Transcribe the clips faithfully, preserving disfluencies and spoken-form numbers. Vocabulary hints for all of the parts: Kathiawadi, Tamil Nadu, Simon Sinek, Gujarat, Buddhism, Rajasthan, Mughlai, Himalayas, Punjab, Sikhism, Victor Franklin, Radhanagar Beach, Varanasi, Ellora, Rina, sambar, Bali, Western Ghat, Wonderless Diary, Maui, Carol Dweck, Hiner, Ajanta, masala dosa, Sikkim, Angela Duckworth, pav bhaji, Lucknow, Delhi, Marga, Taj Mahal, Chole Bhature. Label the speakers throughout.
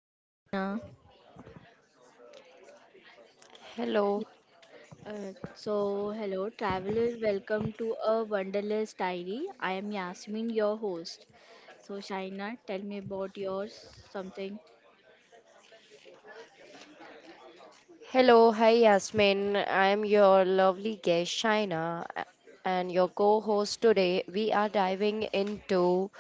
Speaker 1: hello Shaina.
Speaker 2: Hello.
Speaker 1: Uh, so, hello travelers, welcome to a Wonderless Diary. I am Yasmin, your host. So, Shaina, tell me about yours something.
Speaker 2: Hello. Hi, Yasmin. I am your lovely guest, Shaina, a- and your co-host today. We are diving into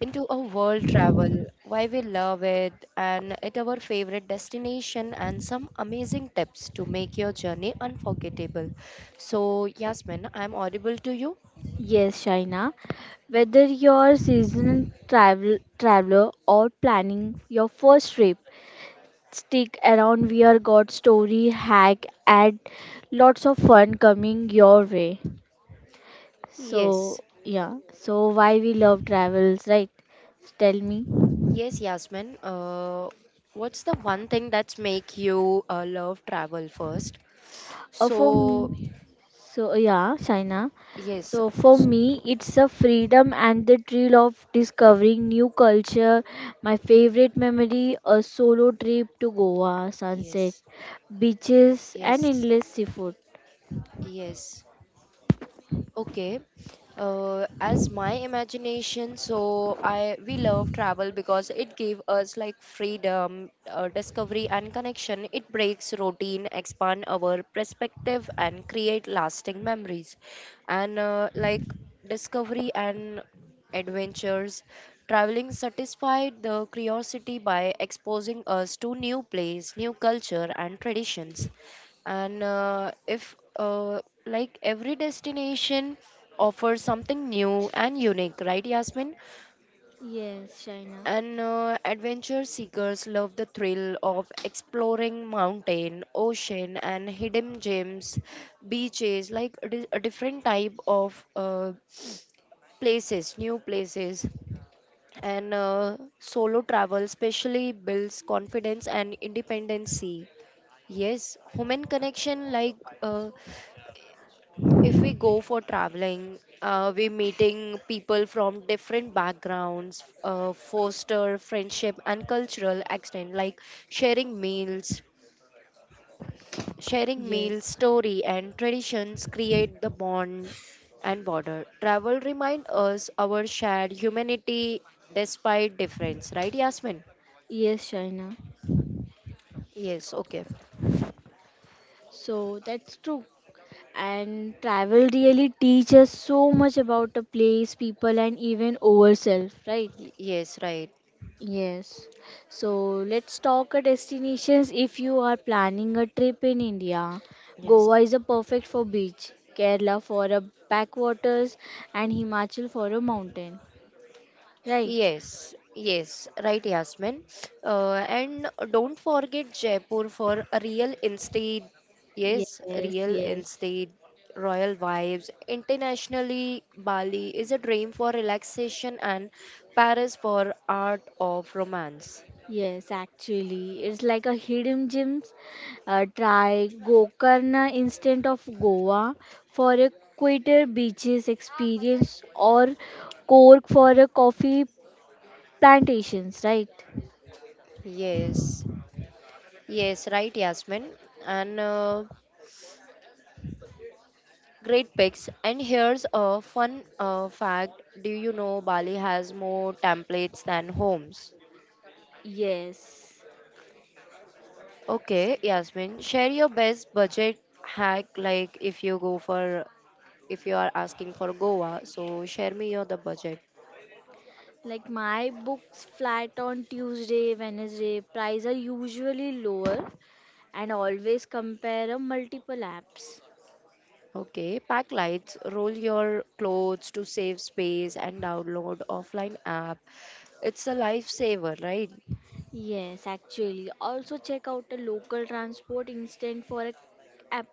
Speaker 2: into a world travel, why we love it, and at our favorite destination, and some amazing tips to make your journey unforgettable. So, Yasmin, I'm audible to you?
Speaker 1: Yes, Shaina. Whether you're seasonal travel traveler or planning your first trip, stick around. We are got story, hack, and lots of fun coming your way.
Speaker 2: Yes.
Speaker 1: So, yeah. So, why we love travels, right? So, tell me.
Speaker 2: Yes, Yasmin. Uh, what's the one thing that's make you uh, love travel first?
Speaker 1: Uh, for
Speaker 2: So,
Speaker 1: me, so yeah, China.
Speaker 2: yes,
Speaker 1: So for
Speaker 2: s-
Speaker 1: me, it's a freedom and the thrill of discovering new culture. My favorite memory, a solo trip to Goa, sunset,
Speaker 2: yes,
Speaker 1: beaches, and
Speaker 2: yes,
Speaker 1: endless seafood.
Speaker 2: yes. Okay. Uh, as my imagination, so I we love travel because it gave us like freedom, uh, discovery, and connection. It breaks routine, expand our perspective, and create lasting memories. And uh, like discovery and adventures. Traveling satisfied the curiosity by exposing us to new place, new culture, and traditions. And uh, if uh, like every destination offers something new and unique, right, Yasmin?
Speaker 1: Yes, China.
Speaker 2: And uh, adventure seekers love the thrill of exploring mountain ocean and hidden gems beaches like a di- a different type of uh, places, new places, and uh, solo travel especially builds confidence and independency. Yes, human connection. Like uh, if we go for traveling, uh, we're meeting people from different backgrounds, uh, foster friendship and cultural extent, like sharing meals, sharing meals,
Speaker 1: Yes.
Speaker 2: story and traditions create the bond and border. Travel remind us our shared humanity despite difference, right, Yasmin?
Speaker 1: Yes, China.
Speaker 2: Yes, okay.
Speaker 1: So that's true. And travel really teaches so much about a place, people, and even ourselves, right?
Speaker 2: Y- yes, right.
Speaker 1: Yes. So let's talk a destinations. If you are planning a trip in India,
Speaker 2: Yes.
Speaker 1: Goa is a perfect for beach, Kerala for a backwaters, and Himachal for a mountain. Right?
Speaker 2: Yes, yes, right, Yasmin. Uh, and don't forget Jaipur for a real estate. Yes,
Speaker 1: Yes,
Speaker 2: real
Speaker 1: yes.
Speaker 2: estate, royal vibes. Internationally, Bali is a dream for relaxation and Paris for art of romance.
Speaker 1: Yes, actually, it's like a hidden gems. Uh, try Gokarna instead of Goa for a quieter beaches experience or Cork for a coffee plantations, right?
Speaker 2: Yes, yes, right, Yasmin. And uh, great picks. And here's a fun uh, fact. Do you know Bali has more templates than homes?
Speaker 1: Yes.
Speaker 2: Okay, Yasmin, share your best budget hack. Like if you go for, if you are asking for Goa, so share me your the budget.
Speaker 1: Like my books flat on Tuesday, Wednesday, price are usually lower and always compare a multiple apps.
Speaker 2: Okay, pack lights, roll your clothes to save space and download offline app. It's a lifesaver, right?
Speaker 1: Yes, actually. Also check out the local transport instead for a app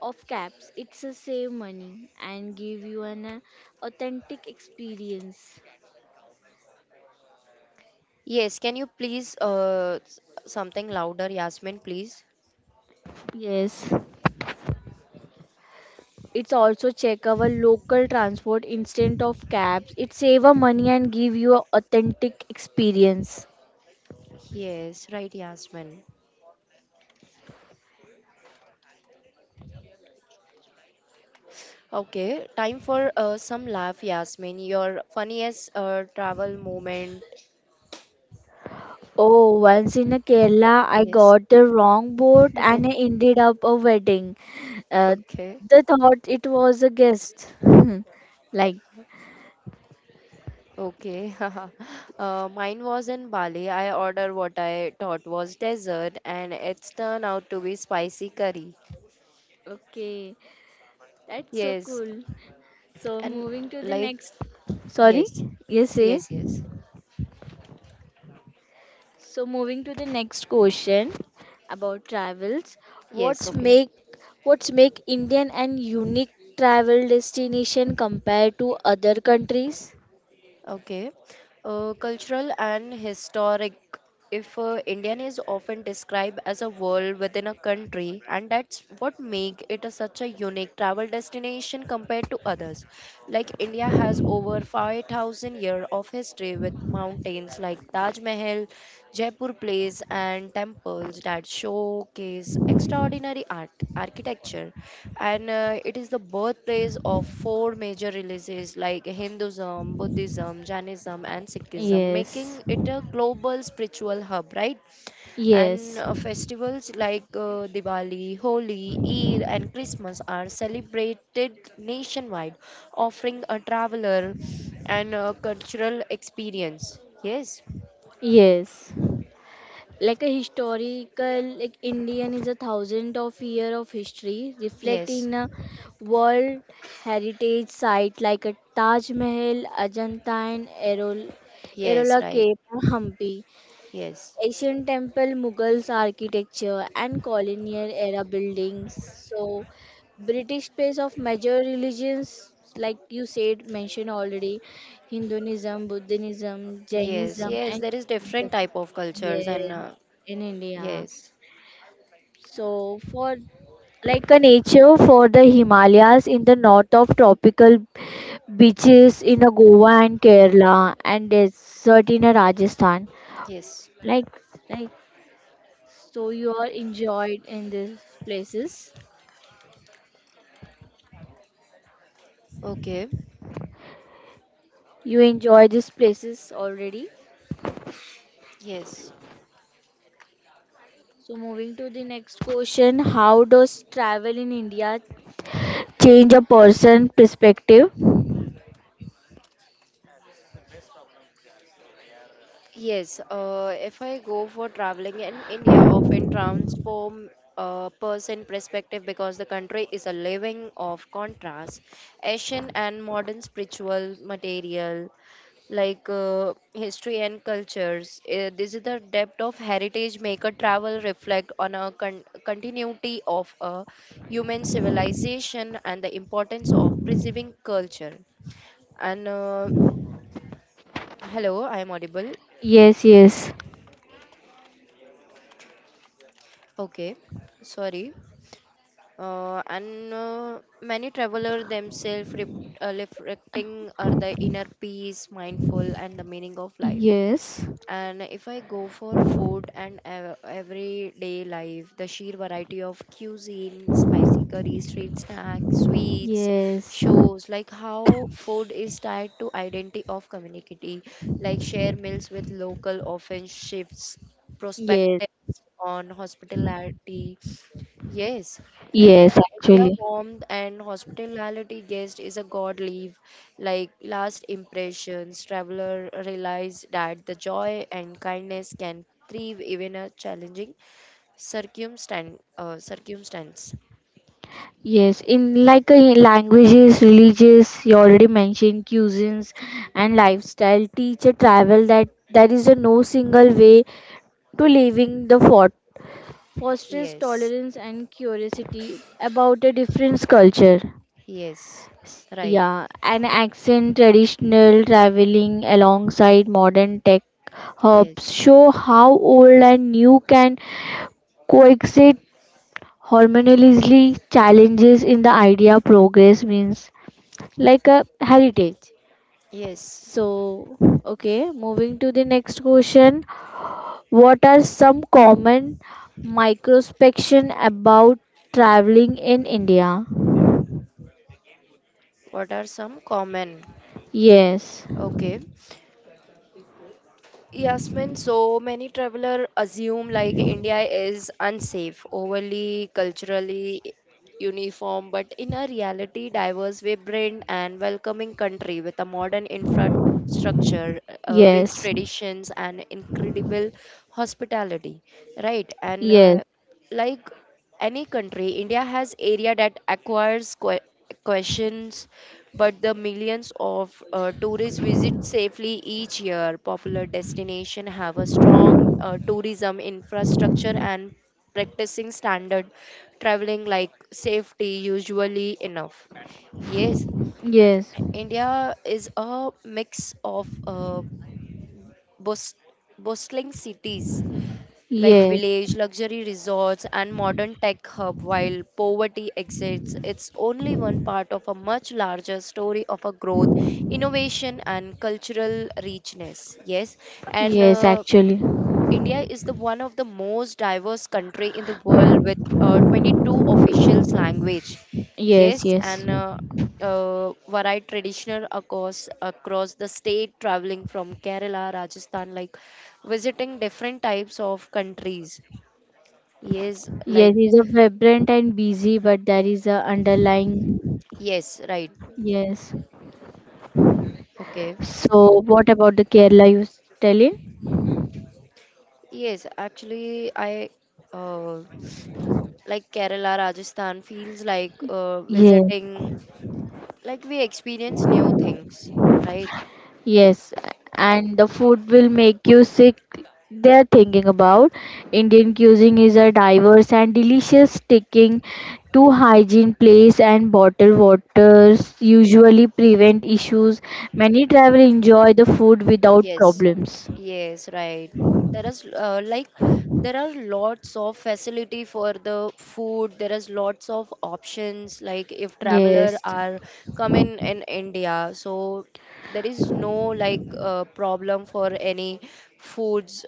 Speaker 1: of cabs. It's a save money and give you an uh, authentic experience.
Speaker 2: Yes, can you please uh s- something louder, Yasmin, please?
Speaker 1: Yes. It's also check our local transport instead of cabs. It save a money and give you a authentic experience.
Speaker 2: Yes, right, Yasmin. Okay, time for uh, some laugh, Yasmin. Your funniest uh, travel moment.
Speaker 1: Oh, once in a Kerala, I
Speaker 2: Yes.
Speaker 1: got the wrong boat and I ended up a wedding. Uh,
Speaker 2: Okay,
Speaker 1: the thought it was a guest, like.
Speaker 2: okay. uh, mine was in Bali. I ordered what I thought was dessert, and it's turned out to be spicy curry.
Speaker 1: Okay, that's so
Speaker 2: Yes,
Speaker 1: cool. So
Speaker 2: and
Speaker 1: moving to the
Speaker 2: like
Speaker 1: next. Sorry,
Speaker 2: yes,
Speaker 1: yes, say.
Speaker 2: yes, yes,
Speaker 1: So moving to the next question about travels.
Speaker 2: yes.
Speaker 1: What's
Speaker 2: Okay.
Speaker 1: make what's make Indian and unique travel destination compared to other countries?
Speaker 2: Okay. Uh, cultural and historic. If uh, Indian is often described as a world within a country, and that's what make it a, such a unique travel destination compared to others. Like India has over five thousand years of history with mountains like Taj Mahal, Jaipur Place, and temples that showcase extraordinary art, architecture, and uh, it is the birthplace of four major religions like Hinduism, Buddhism, Jainism, and Sikhism,
Speaker 1: Yes,
Speaker 2: making it a global spiritual hub, right? And
Speaker 1: yes,
Speaker 2: uh, festivals like uh, Diwali, Holi, Eid, and Christmas are celebrated nationwide, offering a traveler and uh, cultural experience. Yes,
Speaker 1: yes. Like a historical, like indian is a thousand of year of history
Speaker 2: yes,
Speaker 1: reflecting a world heritage site like a taj mahal, ajanta and errol
Speaker 2: yes,
Speaker 1: errola
Speaker 2: right,
Speaker 1: cape and hampi
Speaker 2: yes,
Speaker 1: Asian temple, Mughals architecture, and colonial era buildings. So, British space of major religions, like you said, mentioned already Hinduism, Buddhism,
Speaker 2: yes,
Speaker 1: Jainism,
Speaker 2: yes.
Speaker 1: and
Speaker 2: There is
Speaker 1: Sikhism.
Speaker 2: different type of cultures and
Speaker 1: Yes,
Speaker 2: uh,
Speaker 1: in India.
Speaker 2: yes,
Speaker 1: So, for like a nature for the Himalayas in the north of tropical beaches in a Goa and Kerala and desert in a Rajasthan.
Speaker 2: yes.
Speaker 1: Like like so you are enjoyed in these places.
Speaker 2: Okay.
Speaker 1: You enjoy these places already.
Speaker 2: Yes.
Speaker 1: So moving to the next question, how does travel in India change a person perspective?
Speaker 2: Yes. Uh, if I go for traveling in India, often transform a person perspective because the country is a living of contrast, Asian and modern spiritual material like uh, history and cultures. Uh, this is the depth of heritage make a travel reflect on a con- continuity of a human civilization and the importance of preserving culture. And uh, hello, I am audible.
Speaker 1: Yes, yes,
Speaker 2: Okay, sorry. Uh, and uh, many traveler themselves rep- uh, reflecting are the inner peace, mindful, and the meaning of life.
Speaker 1: yes,
Speaker 2: And if I go for food and ev- everyday life, the sheer variety of cuisine, spicy curries, street snacks, sweets,
Speaker 1: yes.
Speaker 2: shows like how food is tied to identity of community, like share meals with local often shifts
Speaker 1: Yes,
Speaker 2: perspectives on hospitality. Yes, and
Speaker 1: yes,
Speaker 2: India
Speaker 1: actually.
Speaker 2: warmth and hospitality guest is a god leave. Like last impressions, traveler realize that the joy and kindness can thrive even a challenging circumstance. Uh, circumstance.
Speaker 1: Yes, in like uh, languages, religious, you already mentioned cuisines and lifestyle. Teach a travel that there is a no single way to leaving the fort. Fosters
Speaker 2: Yes,
Speaker 1: tolerance and curiosity about a different culture.
Speaker 2: yes, right.
Speaker 1: Yeah, an accent traditional traveling alongside modern tech hubs
Speaker 2: Yes,
Speaker 1: show how old and new can coexist harmoniously challenges in the idea progress means like a heritage.
Speaker 2: yes.
Speaker 1: So, okay, moving to the next question. What are some common misconceptions about traveling in India?
Speaker 2: What are some common?
Speaker 1: Yes,
Speaker 2: Okay. Yasmin, so many travelers assume like India is unsafe, overly culturally uniform, but in a reality, diverse, vibrant, and welcoming country with a modern infrastructure, uh, rich
Speaker 1: yes,
Speaker 2: traditions, and incredible hospitality, right? And
Speaker 1: yes,
Speaker 2: uh, like any country, India has area that acquires que- questions but the millions of uh, tourists visit safely each year. Popular destinations have a strong uh, tourism infrastructure and practicing standard traveling like safety usually enough. Yes,
Speaker 1: yes,
Speaker 2: India is a mix of uh, bus bustling cities like
Speaker 1: yes,
Speaker 2: village, luxury resorts, and modern tech hub, while poverty exists, it's only one part of a much larger story of a growth, innovation, and cultural richness. Yes, and
Speaker 1: yes,
Speaker 2: uh,
Speaker 1: actually.
Speaker 2: India is the one of the most diverse country in the world with uh, twenty-two official language.
Speaker 1: Yes,
Speaker 2: Yes,
Speaker 1: yes.
Speaker 2: and uh, uh, varied traditional across across the state, traveling from Kerala, Rajasthan, like visiting different types of countries. Yes, like
Speaker 1: Yes, it's a vibrant and busy, but there is a underlying.
Speaker 2: yes, right,
Speaker 1: Yes.
Speaker 2: okay.
Speaker 1: So, what about the Kerala you s- telling?
Speaker 2: Yes, actually, I uh, like Kerala, Rajasthan feels like uh,
Speaker 1: Yes.
Speaker 2: visiting, like we experience new things, right?
Speaker 1: Yes, and the food will make you sick. They're thinking about Indian cuisine is a diverse and delicious, sticking to hygiene place and bottled waters usually prevent issues. Many travel enjoy the food without
Speaker 2: Yes,
Speaker 1: problems.
Speaker 2: yes, right. There is uh, like there are lots of facility for the food. There is lots of options. Like if traveler
Speaker 1: Yes.
Speaker 2: are coming in India, so there is no like uh, problem for any foods.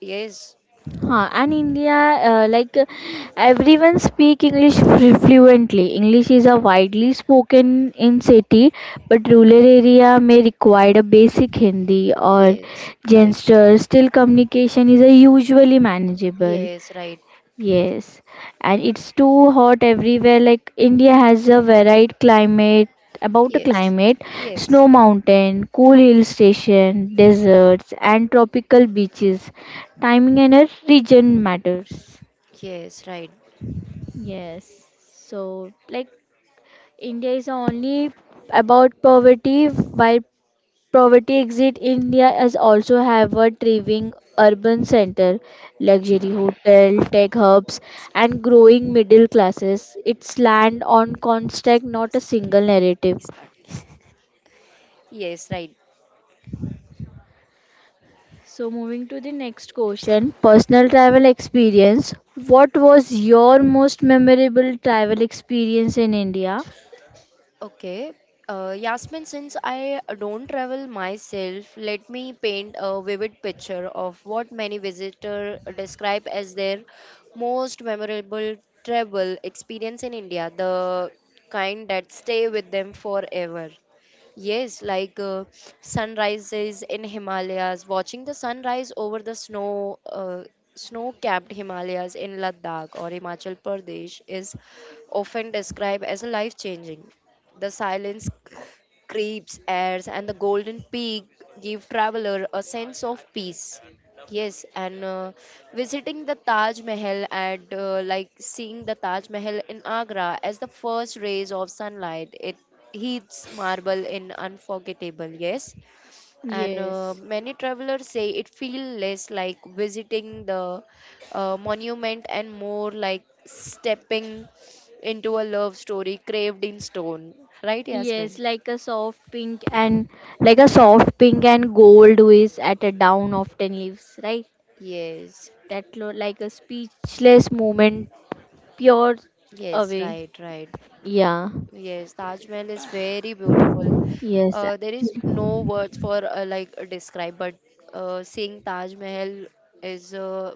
Speaker 2: Yes,
Speaker 1: Huh, and India, uh, like uh, everyone speak English flu- fluently. English is a widely spoken in city, but rural area may require a basic Hindi or
Speaker 2: yes, right.
Speaker 1: gestures. Still, communication is a usually manageable.
Speaker 2: Yes, right.
Speaker 1: Yes, and it's too hot everywhere. Like India has a varied climate about the
Speaker 2: Yes,
Speaker 1: climate,
Speaker 2: yes,
Speaker 1: snow mountain, cool hill station, deserts, and tropical beaches. Timing and a region matters.
Speaker 2: yes, right.
Speaker 1: Yes, so like India is only about poverty, while poverty exit India is also have a thriving urban center, luxury hotel, tech hubs, and growing middle classes. It's land on construct, not a single narrative.
Speaker 2: Yes, right.
Speaker 1: So moving to the next question, personal travel experience. What was your most memorable travel experience in India?
Speaker 2: Okay. Uh, Yasmin, since I don't travel myself, let me paint a vivid picture of what many visitors describe as their most memorable travel experience in India, the kind that stay with them forever. Yes, like uh, sunrises in Himalayas, watching the sunrise over the snow, uh, snow-capped Himalayas in Ladakh or Himachal Pradesh is often described as life-changing. The silence creeps, airs, and the golden peak give traveler a sense of peace. Yes, and uh, visiting the Taj Mahal at uh, like seeing the Taj Mahal in Agra as the first rays of sunlight, it heats marble in unforgettable. Yes, and uh,
Speaker 1: Yes.
Speaker 2: many travelers say it feels less like visiting the uh, monument and more like stepping into a love story carved in stone, right,
Speaker 1: Yes,
Speaker 2: Yasmin?
Speaker 1: like a soft pink and like a soft pink and gold waist at a down of ten leaves, right?
Speaker 2: Yes,
Speaker 1: That lo- like a speechless moment, pure
Speaker 2: yes,
Speaker 1: away.
Speaker 2: right, right.
Speaker 1: Yeah.
Speaker 2: Yes, Taj Mahal is very beautiful.
Speaker 1: Yes.
Speaker 2: uh, there is no
Speaker 1: Actually.
Speaker 2: words for uh, like uh, describe, but uh, seeing Taj Mahal is uh,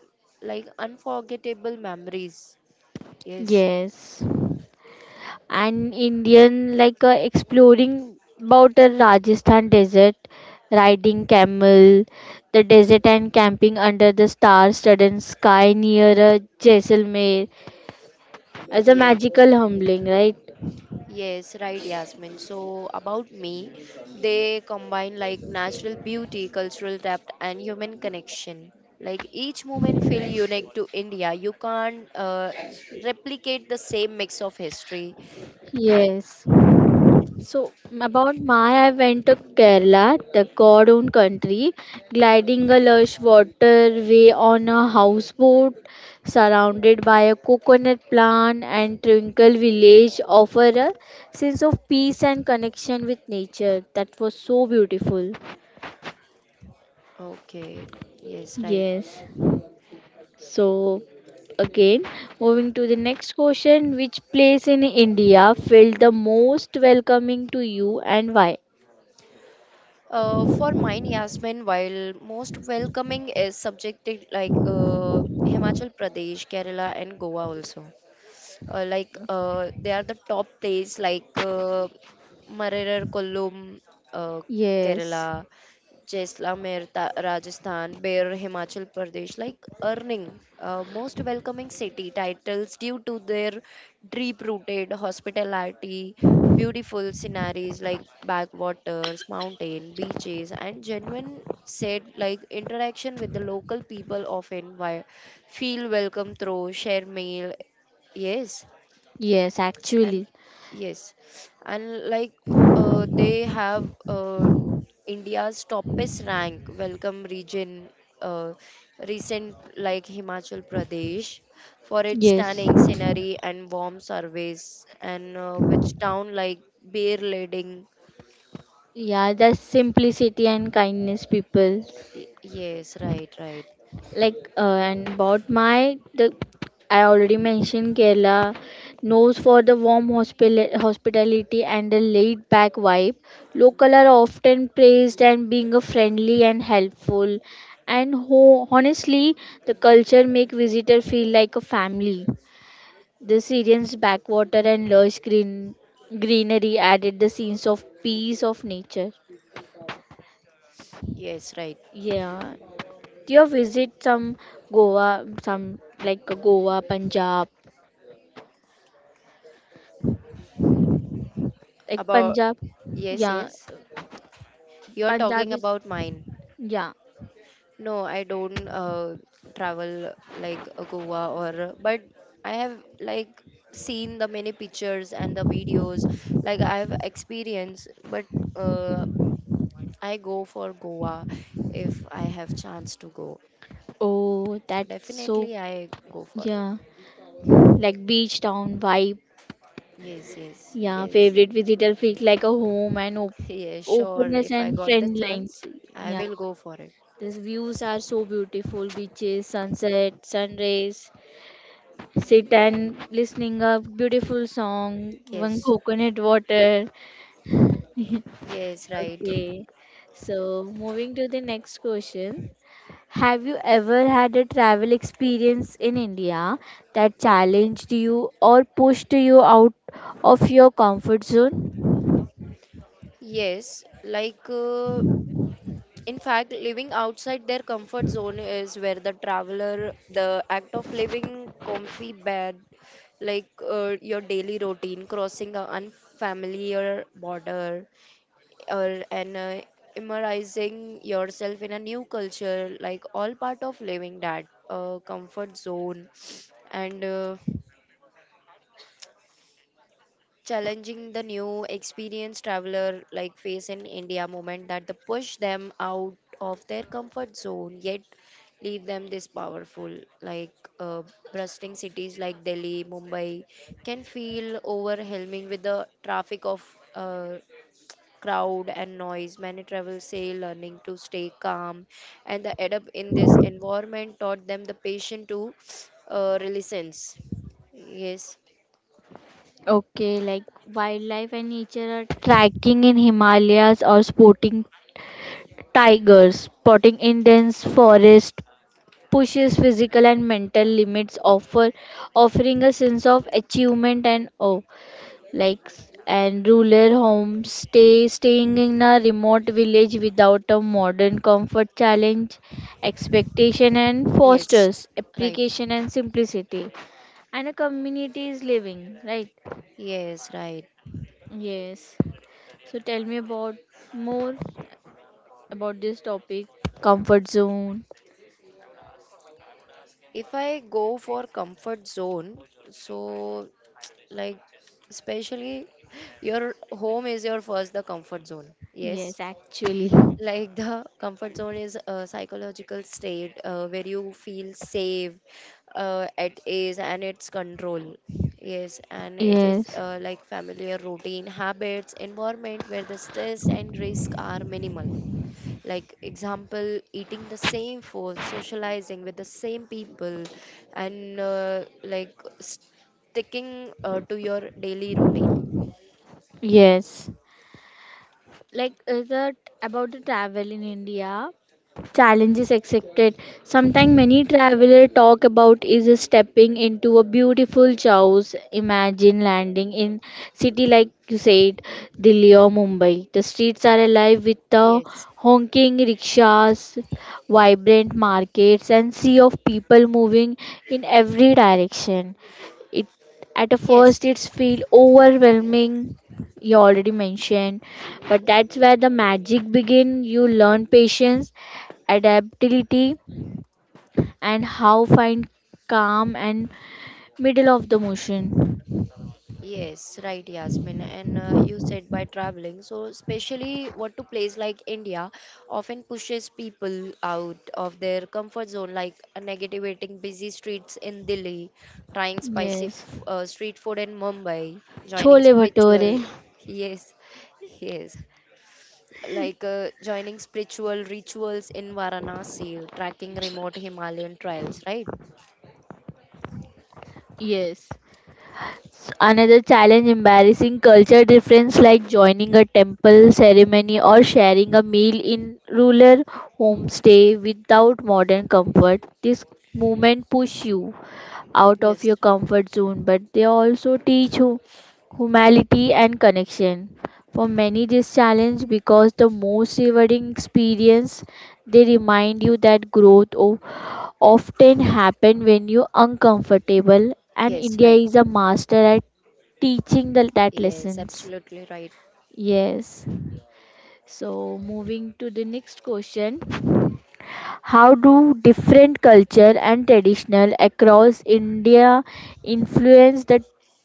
Speaker 2: like unforgettable memories. Yes,
Speaker 1: Yes. An Indian like uh, exploring about the Rajasthan desert, riding camel, the desert and camping under the star-studded sky near a Jaisalmer as a
Speaker 2: yes.
Speaker 1: magical humbling, right?
Speaker 2: Yes, right, Yasmin. So, about me, they combine like natural beauty, cultural depth, and human connection. Like each moment feel unique to India. You can't uh, replicate the same mix of history.
Speaker 1: Yes. So about my, I went to Kerala, the God own country, gliding a lush waterway on a houseboat, surrounded by a coconut plant and tranquil village, offer a sense of peace and connection with nature. That was so beautiful.
Speaker 2: Okay, yes, right.
Speaker 1: Yes. So again, moving to the next question, which place in India felt the most welcoming to you and why?
Speaker 2: Uh, for mine, Yasmin, while most welcoming is subjected like uh, Himachal Pradesh, Kerala, and Goa also. uh, like uh, they are the top place like uh, Marerar Kollum, uh,
Speaker 1: Yes.
Speaker 2: Kerala, Jaisalmer, Ta- Rajasthan, Bear, Himachal Pradesh, like earning uh, most welcoming city titles due to their deep-rooted hospitality, beautiful sceneries like backwaters, mountain, beaches, and genuine said like interaction with the local people often wi- feel welcome through share meal. Yes,
Speaker 1: Yes,
Speaker 2: and
Speaker 1: actually.
Speaker 2: yes and like uh, they have uh, India's topest rank welcome region, uh, recent like Himachal Pradesh for its
Speaker 1: Yes.
Speaker 2: stunning scenery and warm surface and uh, which town like beer leading.
Speaker 1: Yeah, that's simplicity and kindness, people.
Speaker 2: Y- yes, right, right.
Speaker 1: Like, uh, and about my, the, I already mentioned Kerala knows for the warm hospil- hospitality and the laid back vibe. Local are often praised and being a friendly and helpful. And ho- honestly, the culture make visitor feel like a family. The Syrians' backwater and lush green, greenery added the scenes of peace of nature.
Speaker 2: Yes, right.
Speaker 1: Yeah, do you visit some Goa, some like Goa, Punjab, like
Speaker 2: About
Speaker 1: Punjab.
Speaker 2: yes,
Speaker 1: Yeah,
Speaker 2: yes, you're
Speaker 1: Punjab
Speaker 2: talking
Speaker 1: is
Speaker 2: about mine.
Speaker 1: yeah.
Speaker 2: No, I don't uh, travel like uh, Goa or but I have like seen the many pictures and the videos, like I have experience, but uh, I go for Goa if I have chance to go.
Speaker 1: Oh, that's so
Speaker 2: Definitely I go for.
Speaker 1: yeah, like beach town vibe.
Speaker 2: Yes, yes,
Speaker 1: Yeah,
Speaker 2: yes.
Speaker 1: favorite visitor feels like a home and op-
Speaker 2: Yes, sure.
Speaker 1: openness
Speaker 2: If I
Speaker 1: and
Speaker 2: got the
Speaker 1: friend lines.
Speaker 2: chance, I
Speaker 1: Yeah,
Speaker 2: will go for it.
Speaker 1: these views are so beautiful beaches, sunset, sunrays, sit and listening a beautiful song, one
Speaker 2: Yes.
Speaker 1: coconut water.
Speaker 2: Yes, right.
Speaker 1: Okay, so moving to the next question. Have you ever had a travel experience in India that challenged you or pushed you out of your comfort zone?
Speaker 2: Yes, like uh, in fact, living outside their comfort zone is where the traveler, the act of living comfy bed, like uh, your daily routine, crossing an unfamiliar border, or and uh, immersing yourself in a new culture, like all part of living that uh, comfort zone, and. Uh, challenging the new experienced traveler like face in India moment that the push them out of their comfort zone yet leave them this powerful like uh, bustling cities like Delhi, Mumbai can feel overwhelming with the traffic of uh, crowd and noise, many travelers say learning to stay calm and the adapt in this environment taught them the patient to uh, resilience. Yes,
Speaker 1: Okay, like wildlife and nature are trekking in Himalayas or sporting Tigers, spotting in dense forest, pushes physical and mental limits, offer offering a sense of achievement and awe. Like s- and rural homes, stay staying in a remote village without a modern comfort challenge, expectation and
Speaker 2: yes,
Speaker 1: fosters
Speaker 2: right.
Speaker 1: application and simplicity, and a community is living right.
Speaker 2: Yes, right.
Speaker 1: Yes. So tell me about more about this topic, comfort zone.
Speaker 2: If I go for comfort zone, so like especially your home is your first the comfort zone. Yes.
Speaker 1: Yes, actually.
Speaker 2: Like the comfort zone is a psychological state uh, where you feel safe, uh, at ease, and its control. Yes, and it is
Speaker 1: Yes.
Speaker 2: uh, like familiar routine, habits, environment where the stress and risk are minimal. Like example eating the same food, socializing with the same people, and uh, like sticking uh, to your daily routine.
Speaker 1: Yes. Like is it about the travel in india challenges accepted, sometimes many travelers talk about is stepping into a beautiful chaos. Imagine landing in city like you said delhi or mumbai, the streets are alive with the
Speaker 2: Yes,
Speaker 1: honking rickshaws, vibrant markets and sea of people moving in every direction. It at a first
Speaker 2: yes.
Speaker 1: it's feel overwhelming, you already mentioned, but that's where the magic begin. You learn patience, adaptability, and how find calm and middle of the motion.
Speaker 2: Yes, right, Yasmin. And uh, you said by traveling. So, especially what to place like India often pushes people out of their comfort zone, like uh, navigating busy streets in Delhi, trying spicy f
Speaker 1: Yes.
Speaker 2: uh, street food in Mumbai, joining
Speaker 1: Chole bhature.
Speaker 2: spiritual. Yes, yes. Like uh, joining spiritual rituals in Varanasi, tracking remote Himalayan trails, right?
Speaker 1: Yes. Another challenge embarrassing culture difference like joining a temple ceremony or sharing a meal in rural homestay without modern comfort. This movement push you out of your
Speaker 2: Yes,
Speaker 1: comfort zone, but they also teach you humility and connection. For many, this challenge because the most rewarding experience. They remind you that growth o- often happen when you're uncomfortable, and
Speaker 2: yes,
Speaker 1: India
Speaker 2: right.
Speaker 1: is a master at teaching the, that
Speaker 2: Yes,
Speaker 1: lessons.
Speaker 2: absolutely right.
Speaker 1: Yes. So moving to the next question. How do different culture and traditional across India influence the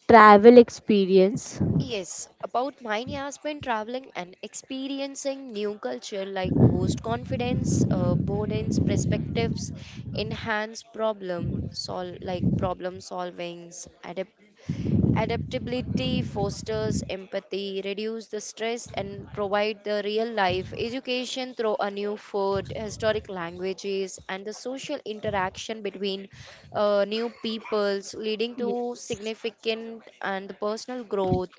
Speaker 1: travel experience?
Speaker 2: Yes, about mine has been traveling and experiencing new culture like boost confidence, uh, broadens perspectives, enhance problem sol like problem solvings, adaptability fosters empathy, reduce the stress, and provide the real life education through a new food, historic languages, and the social interaction between uh, new peoples, leading
Speaker 1: Yes.
Speaker 2: to significant and personal growth,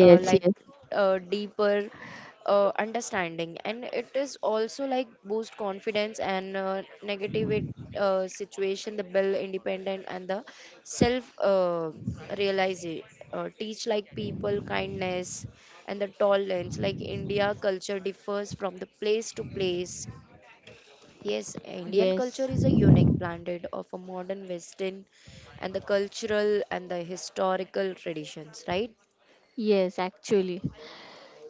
Speaker 2: uh, like
Speaker 1: yes,
Speaker 2: uh, deeper uh, understanding. And it is also like boost confidence and uh, negative it, uh, situation, the build independent and the self uh, realize it uh, teach like people kindness and the tolerance. Like India culture differs from the place to place. Yes, Indian culture
Speaker 1: yes.
Speaker 2: is a unique blended of a modern western and the cultural and the historical traditions, right?
Speaker 1: Yes, actually.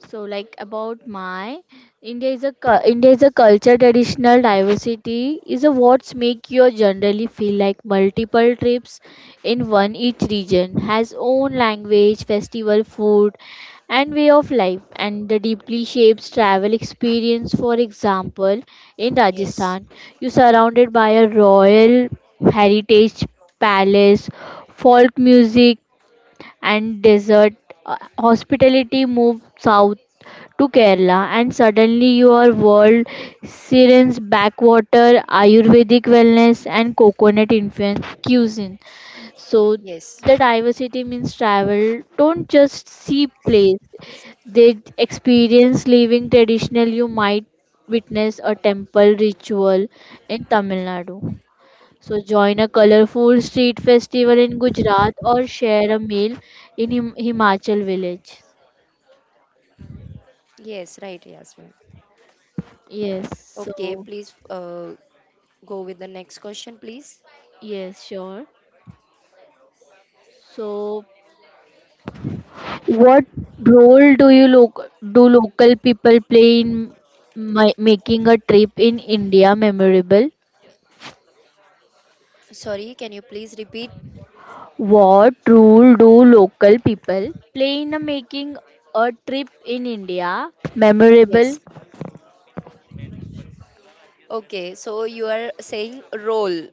Speaker 1: So, like about my India is a cu- India is a culture traditional diversity is a what's make you generally feel like multiple trips in one. Each region has own language, festival, food, and way of life and the deeply shapes travel experience. For example, in
Speaker 2: Yes,
Speaker 1: rajasthan you surrounded by a royal heritage palace, folk music and desert uh, hospitality. Move south to Kerala and suddenly your world sirens backwater, Ayurvedic wellness and coconut influence cuisine. So
Speaker 2: yes,
Speaker 1: the diversity means travel don't just see place. They experience living traditional. You might witness a temple ritual in Tamil Nadu. So join a colorful street festival in Gujarat or share a meal in Him- Himachal village.
Speaker 2: yes, right. Yes.
Speaker 1: Yes,
Speaker 2: Okay,
Speaker 1: so
Speaker 2: please, uh, go with the next question, please.
Speaker 1: yes, sure. So, what role do you loc do local people play in mi making a trip in India memorable?
Speaker 2: Sorry, can you please repeat?
Speaker 1: What role do local people play in a making a trip in India memorable?
Speaker 2: Yes, okay, so you are saying role.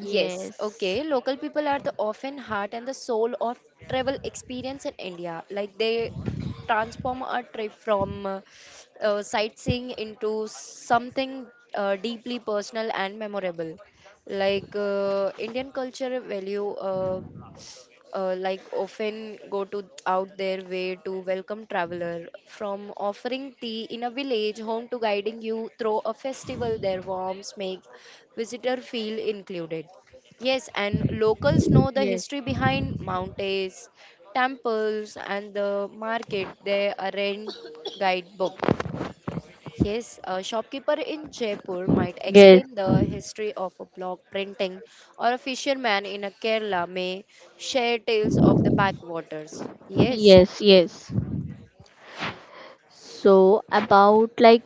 Speaker 2: Yes,
Speaker 1: Yes.
Speaker 2: okay. Local people are the often heart and the soul of travel experience in India. Like they transform a trip from uh, uh, sightseeing into something uh, deeply personal and memorable. Like uh, Indian culture value. Uh, uh, like often go to out their way to welcome traveler from offering tea in a village home to guiding you through a festival. Their warmth make visitor feel included. Yes, and locals know the
Speaker 1: Yes.
Speaker 2: history behind mountains, temples, and the market. They arrange guidebooks. Yes, a shopkeeper in Jaipur might
Speaker 1: Yes.
Speaker 2: explain the history of a block printing, or a fisherman in a Kerala may share tales of the backwaters. Yes,
Speaker 1: Yes. Yes. So about like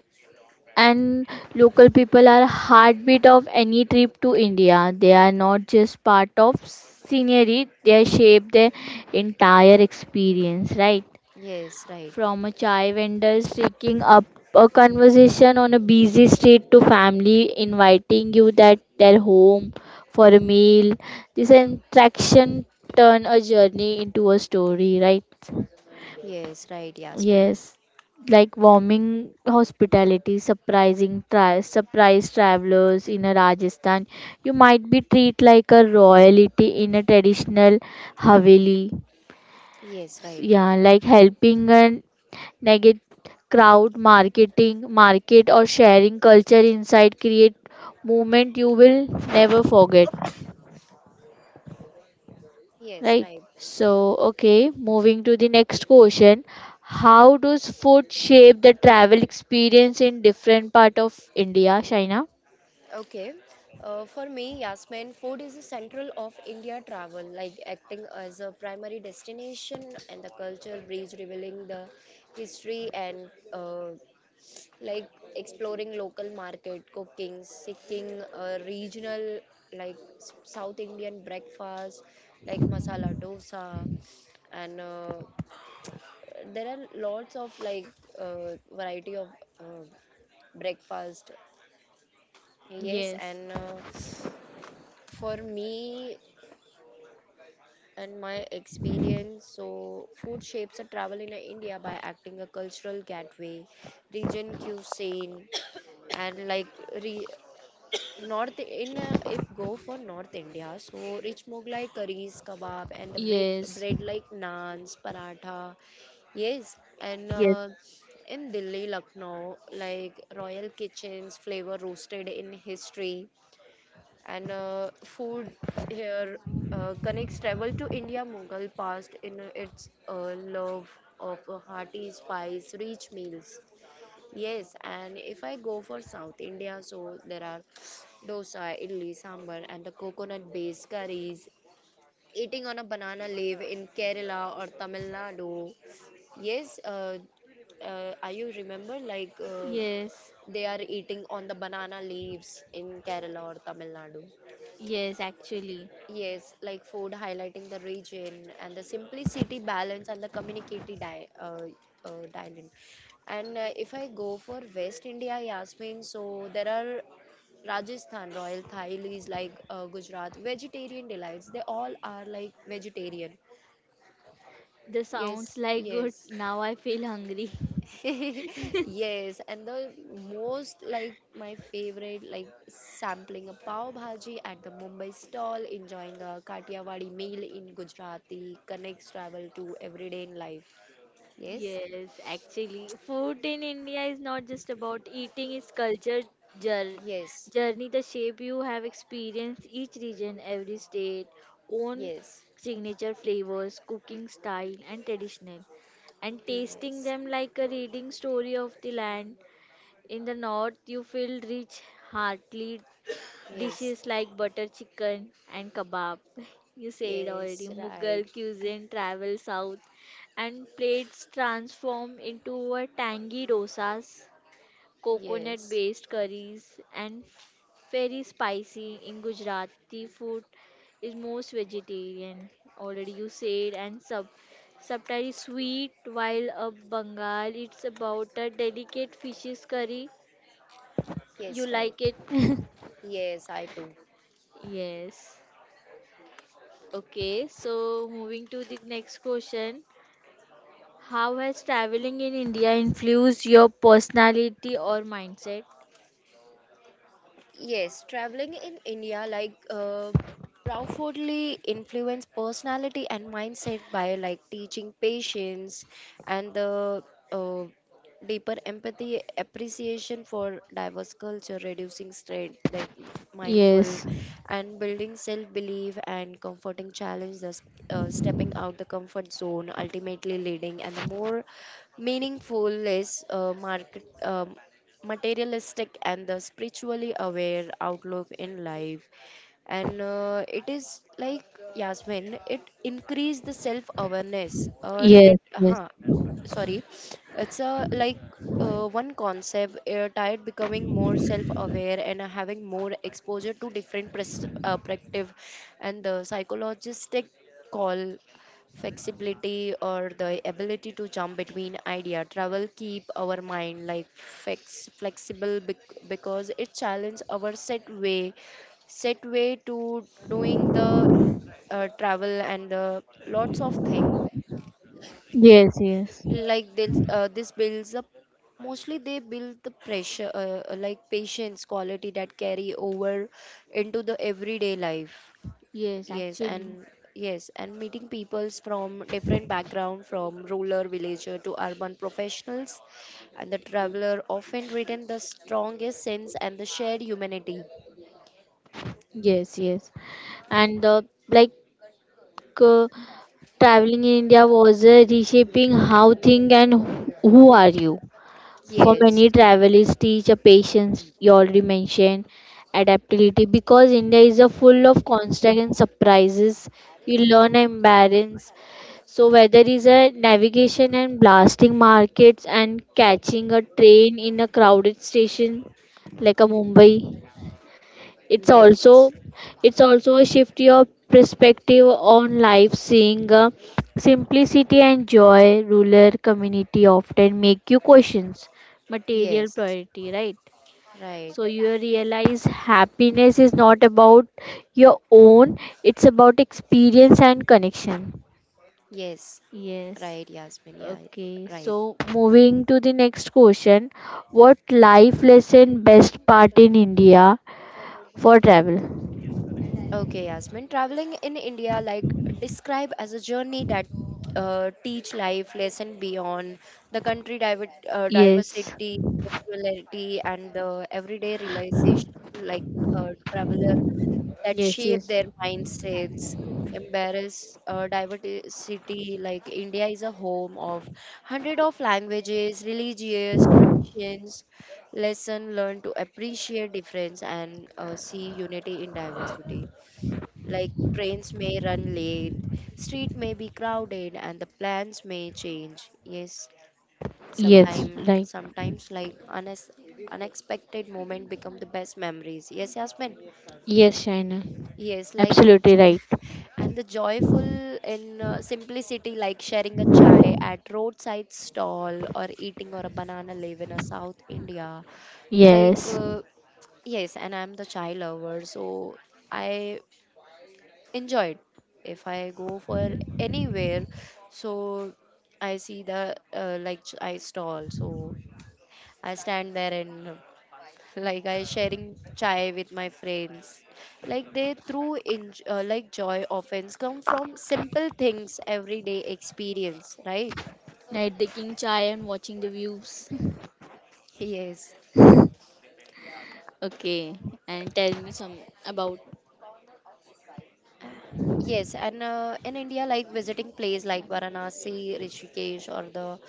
Speaker 1: and local people are heartbeat of any trip to India. They are not just part of scenery; they shape the entire experience. Right,
Speaker 2: yes, right.
Speaker 1: from a chai vendor taking up a conversation on a busy street to family inviting you that their home for a meal. This interaction turn a journey into a story. Right.
Speaker 2: Yes, right, Yasmin.
Speaker 1: Yes, like warming hospitality, surprising tri- surprise travelers in a Rajasthan. You might be treated like a royalty in a traditional haveli.
Speaker 2: Yes, right.
Speaker 1: Yeah, like helping a negative crowd, marketing, market or sharing culture inside create moment you will never forget.
Speaker 2: Yes,
Speaker 1: Right.
Speaker 2: right.
Speaker 1: So, okay, moving to the next question. How does food shape the travel experience in different part of India, Shaina?
Speaker 2: Okay. Uh, for me, Yasmin, food is the central of India travel, like acting as a primary destination and the culture bridge, revealing the history and uh, like exploring local market cooking seeking uh, regional like s- south Indian breakfast like masala dosa and uh, there are lots of like uh, variety of uh, breakfast. Yes,
Speaker 1: Yes,
Speaker 2: and uh, for me and my experience, so food shapes a travel in India by acting a cultural gateway, region cuisine, and like re- North in uh, if go for North India, so rich Mughlai curries, kebab, and the bread
Speaker 1: yes.
Speaker 2: bread like naans, paratha. Yes, and
Speaker 1: Yes.
Speaker 2: uh, in Delhi, Lucknow, like royal kitchens, flavor roasted in history, and uh, food here uh, connects travel to India Mughal past in its uh, love of hearty spice, rich meals. Yes, and if I go for South India, so there are dosa, idli, sambar, and the coconut based curries. Eating on a banana leaf in Kerala or Tamil Nadu. Yes, uh, uh, are you remember like uh,
Speaker 1: Yes,
Speaker 2: they are eating on the banana leaves in Kerala or Tamil Nadu?
Speaker 1: yes, actually.
Speaker 2: Yes, like food highlighting the region and the simplicity, balance, and the communicative di- uh, uh, dialect. And uh, if I go for West India, Yasmin, so there are Rajasthan, Royal Thailis, like uh, Gujarat, vegetarian delights. They all are like vegetarian.
Speaker 1: The sounds
Speaker 2: Yes,
Speaker 1: like good.
Speaker 2: yes.
Speaker 1: Now I feel hungry.
Speaker 2: Yes, and the most like my favorite like sampling a pav bhaji at the Mumbai stall, enjoying a Kathiawadi meal in Gujarati connects travel to everyday in life. Yes,
Speaker 1: Yes, actually, food in India is not just about eating, it's culture jour-
Speaker 2: yes,
Speaker 1: journey. The shape you have experienced each region, every state, own
Speaker 2: yes,
Speaker 1: signature flavors, cooking style, and traditional. And tasting
Speaker 2: yes,
Speaker 1: them like a reading story of the land. In the north, you feel rich, heartily
Speaker 2: yes,
Speaker 1: dishes like butter chicken and kebab. You said already.
Speaker 2: yes, right.
Speaker 1: Mughal cuisine travels south and plates transform into a tangy dosas, coconut
Speaker 2: Yes,
Speaker 1: based curries, and f- very spicy in Gujarati food is most vegetarian. Already you said, and sub subtitle is sweet, while a Bengal it's about a delicate fishes curry. You
Speaker 2: yes, right.
Speaker 1: like it?
Speaker 2: Yes, I too.
Speaker 1: Yes. Okay, so moving to the next question. How has traveling in India influenced your personality or mindset?
Speaker 2: Yes, traveling in India like uh, profoundly influenced personality and mindset by like teaching patience and the uh, deeper empathy, appreciation for diverse culture, reducing stress, that mindful,
Speaker 1: Yes,
Speaker 2: and building self-belief and comforting challenge, thus uh, stepping out the comfort zone, ultimately leading and the more meaningful, less uh, market, um, materialistic, and the spiritually aware outlook in life. And uh, it is like, Yasmin, it increase the self awareness uh,
Speaker 1: yes,
Speaker 2: relate
Speaker 1: yes,
Speaker 2: uh, sorry, it's a like uh, one concept uh, tired becoming more self aware and having more exposure to different pres- uh, perspective and the psychologistic call flexibility or the ability to jump between idea. Travel keep our mind like flex- flexible bec- because it challenges our set way set way to doing the uh, travel and uh, lots of thing
Speaker 1: yes, yes,
Speaker 2: like this uh, this builds up. Mostly they build the pressure uh, uh, like patience quality that carry over into the everyday life.
Speaker 1: yes,
Speaker 2: yes
Speaker 1: actually.
Speaker 2: and yes and meeting peoples from different background, from rural villager to urban professionals, and the traveler often retain the strongest sense and the shared humanity.
Speaker 1: Yes, yes. And uh, like uh, traveling in India was uh, reshaping how think and who who are you. For
Speaker 2: Yes,
Speaker 1: many travelers, teach a patience you already mentioned, adaptability because India is a full of constant and surprises. You learn and balance. So whether it's a navigation and blasting markets and catching a train in a crowded station like a Mumbai, it's also,
Speaker 2: yes,
Speaker 1: it's also a shift your perspective on life seeing uh, simplicity and joy ruler community often make you questions material
Speaker 2: yes.
Speaker 1: priority, right?
Speaker 2: Right.
Speaker 1: So you realize happiness is not about your own, it's about experience and connection.
Speaker 2: Yes.
Speaker 1: Yes.
Speaker 2: Right, Yasmin. Yeah.
Speaker 1: Okay,
Speaker 2: Right.
Speaker 1: so moving to the next question. What life lesson best part in India for travel?
Speaker 2: Okay, Yasmin. Traveling in India, like describe as a journey that uh, teach life lesson beyond the country diver- uh,
Speaker 1: Yes,
Speaker 2: diversity, spirituality, and the everyday realization, like a traveler that
Speaker 1: yes,
Speaker 2: shape
Speaker 1: yes,
Speaker 2: their mindsets. Embrace uh, diversity, like India is a home of hundred of languages, religious traditions. Lesson learn to appreciate difference and uh, see unity in diversity. Like trains may run late, street may be crowded, and the plans may change. Yes,
Speaker 1: yes,
Speaker 2: sometime,
Speaker 1: right.
Speaker 2: sometimes like unex- unexpected moment become the best memories. Yes, Yasmin.
Speaker 1: Yes, Shaina,
Speaker 2: Yes, like sh-
Speaker 1: absolutely right.
Speaker 2: and the joyful in uh, simplicity, like sharing a chai at roadside stall or eating or a banana leaf in a South India, like.
Speaker 1: Yes,
Speaker 2: Uh, Yes, and I'm the chai lover, so I enjoyed, if I go for anywhere, so I see the uh, like ch- I stall, so I stand there and uh, like I sharing chai with my friends like they through in uh, like joy often come from simple things everyday experience, right?
Speaker 1: like drinking chai and watching the views.
Speaker 2: Yes.
Speaker 1: Okay, and tell me some about.
Speaker 2: Yes, and uh, in India, like visiting place like Varanasi, Rishikesh, or the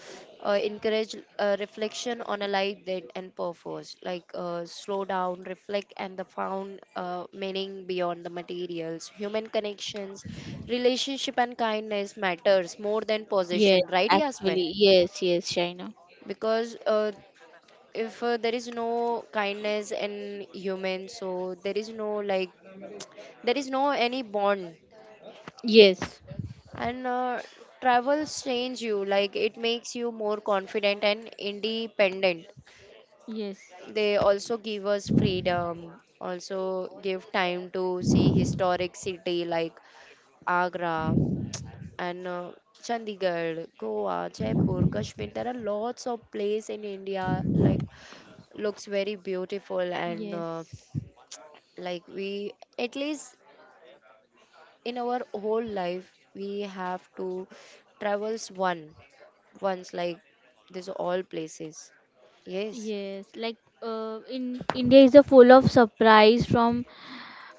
Speaker 2: uh, encourage uh, reflection on a life that and purpose. Like uh, slow down, reflect, and the found uh, meaning beyond the materials. Human connections, relationship, and kindness matters more than
Speaker 1: Yes,
Speaker 2: possession, right, Yasmin?
Speaker 1: actually, yes, yes, Shaina.
Speaker 2: Because uh, if uh, there is no kindness in human, so there is no like there is no any bond.
Speaker 1: Yes,
Speaker 2: And uh, travels change you, like it makes you more confident and independent.
Speaker 1: yes,
Speaker 2: They also give us freedom, also give time to see historic city like Agra and uh, Chandigarh, Goa, Jaipur, Kashmir. There are lots of place in India like looks very beautiful and uh,
Speaker 1: yes,
Speaker 2: like we at least in our whole life we have to travels one once like this all places. Yes,
Speaker 1: yes. Like, uh, in India is a full of surprise from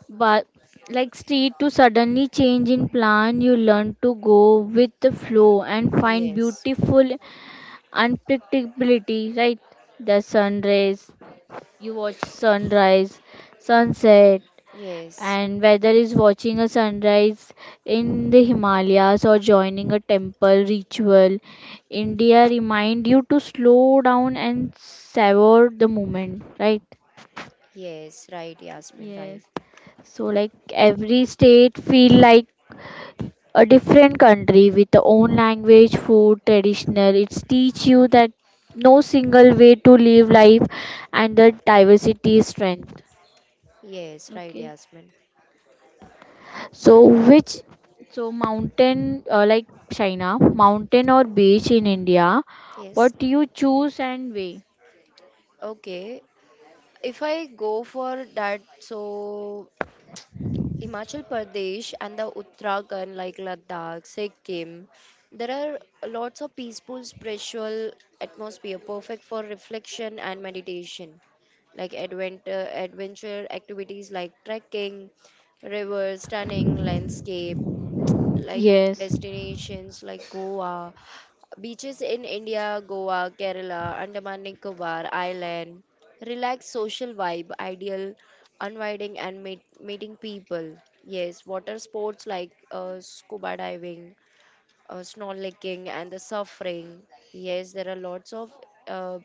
Speaker 1: but like street to suddenly change in plan. You learn to go with the flow and find
Speaker 2: yes,
Speaker 1: beautiful unpredictability, right? The sun rays, you watch sunrise, sunset,
Speaker 2: yes,
Speaker 1: and whether is watching a sunrise in the Himalayas or joining a temple ritual, India remind you to slow down and savor the moment, right?
Speaker 2: yes, right, Yasmin. Right.
Speaker 1: Yes. So like every state feel like a different country with the own language food traditional, it's teach you that no single way to live life, and the diversity is strength.
Speaker 2: Yes, right,
Speaker 1: Okay.
Speaker 2: Yasmin.
Speaker 1: So which, so mountain, uh, like china mountain or beach in India,
Speaker 2: Yes.
Speaker 1: what you choose and way?
Speaker 2: Okay, if I go for that, so Himachal Pradesh and the Uttarakhand, like Ladakh, Sikkim, there are lots of peaceful spiritual atmosphere, perfect for reflection and meditation, like adventure, adventure activities like trekking, rivers, stunning landscape, like
Speaker 1: Yes,
Speaker 2: destinations like Goa, beaches in India, Goa, Kerala, Andaman Nicobar Island. Relaxed social vibe, ideal unwinding and meet, meeting people. Yes, water sports like uh, scuba diving, uh, snorkeling, and the suffering. Yes, there are lots of uh,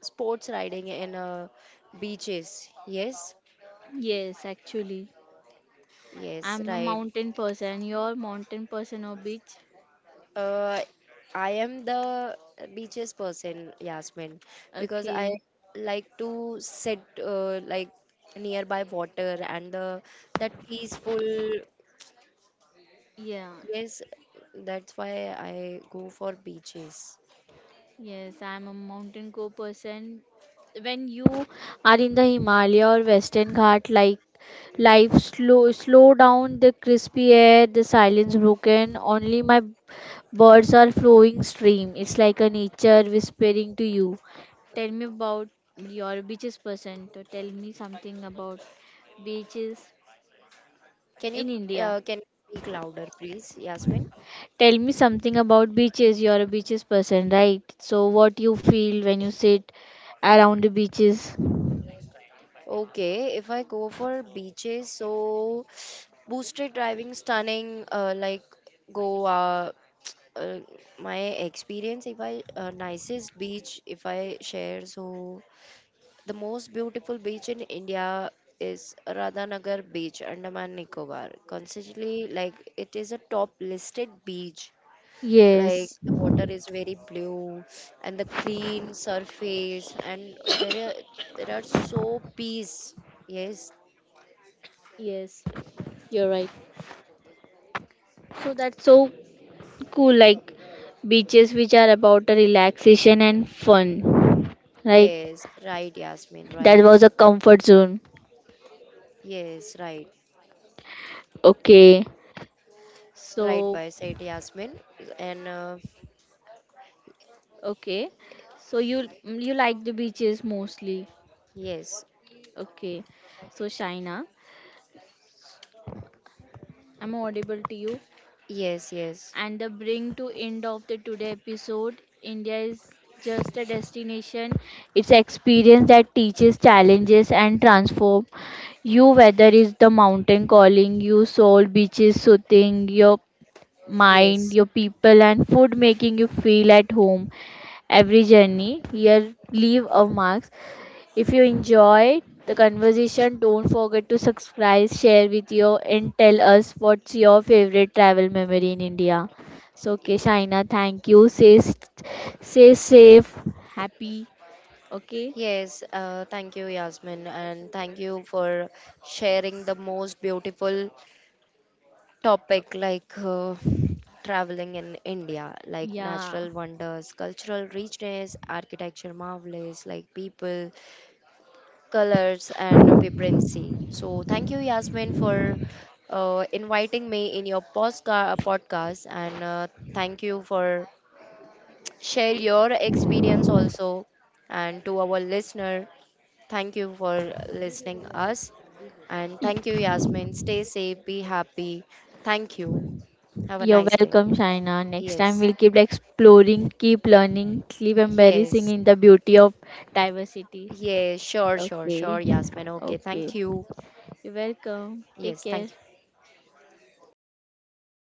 Speaker 2: sports riding in uh, beaches. Yes,
Speaker 1: yes, actually.
Speaker 2: yes,
Speaker 1: I'm a
Speaker 2: right.
Speaker 1: mountain person. You're mountain person or beach?
Speaker 2: Uh, I am the beaches person, Yasmin, because I
Speaker 1: Okay.
Speaker 2: like to sit uh, like nearby water and the that peaceful.
Speaker 1: Yeah.
Speaker 2: Yes, that's why I go for beaches.
Speaker 1: Yes, I'm a mountain go person. When you are in the Himalaya or Western Ghat, like life slow, slow down. The crispy air, the silence broken. Only my birds are flowing stream. It's like a nature whispering to you. Tell me about your beaches person. So tell me something about beaches
Speaker 2: Can you
Speaker 1: in India.
Speaker 2: uh, can you speak louder, please, Yasmin?
Speaker 1: Tell me something about beaches. You're a beaches person, right? So what you feel when you sit around the beaches?
Speaker 2: Okay, if I go for beaches, so boosted driving stunning, uh, like Goa. Uh, uh, my experience, if I uh, nicest beach, if I share, so the most beautiful beach in India is Radhanagar Beach, Andaman Nicobar. Constantly, like it is a top listed beach, like
Speaker 1: Yes,
Speaker 2: the water is very blue and the clean surface and there are there are so peace. Yes,
Speaker 1: yes, you're right. So that's so cool, like beaches which are about a relaxation and fun, right?
Speaker 2: yes, right, Yasmin.
Speaker 1: That
Speaker 2: Right.
Speaker 1: was a comfort zone.
Speaker 2: Yes, right.
Speaker 1: Okay,
Speaker 2: Right,
Speaker 1: so
Speaker 2: by said, Yasmin. And uh,
Speaker 1: okay, so you you like the beaches mostly.
Speaker 2: yes,
Speaker 1: Okay, so Shaina, I'm audible to you.
Speaker 2: yes, yes,
Speaker 1: And the bring to end of the today episode. India is just a destination. It's experience that teaches challenges and transform you whether is the mountain calling you soul beaches soothing your mind
Speaker 2: yes,
Speaker 1: your people and food making you feel at home, every journey here leave a mark. If you enjoyed the conversation, don't forget to subscribe, share with you, and tell us what's your favorite travel memory in India. So, okay,
Speaker 2: y-
Speaker 1: Shaina, thank you. Stay, s- stay safe, happy. Okay,
Speaker 2: yes. uh, thank you, Yasmin, and thank you for sharing the most beautiful topic, like uh, traveling in India, like
Speaker 1: yeah.
Speaker 2: natural wonders, cultural richness, architecture marvelous, like people, colors, and vibrancy. So, thank you, Yasmin, for uh, inviting me in your postca- podcast, and uh, thank you for share your experience also, and to our listener, thank you for listening us, and
Speaker 1: Y-
Speaker 2: thank you, Yasmin. Stay safe, be happy. Thank you. Have a
Speaker 1: You're
Speaker 2: nice day.
Speaker 1: welcome, Shaina. Next time
Speaker 2: Yes,
Speaker 1: we'll keep exploring, keep learning, keep embarrassing
Speaker 2: yes,
Speaker 1: in the beauty of diversity.
Speaker 2: yes, sure, sure, sure,
Speaker 1: Okay,
Speaker 2: Yasmin. Okay,
Speaker 1: okay.
Speaker 2: thank you.
Speaker 1: You're welcome. Take
Speaker 2: Yes,
Speaker 1: care.
Speaker 2: thank you.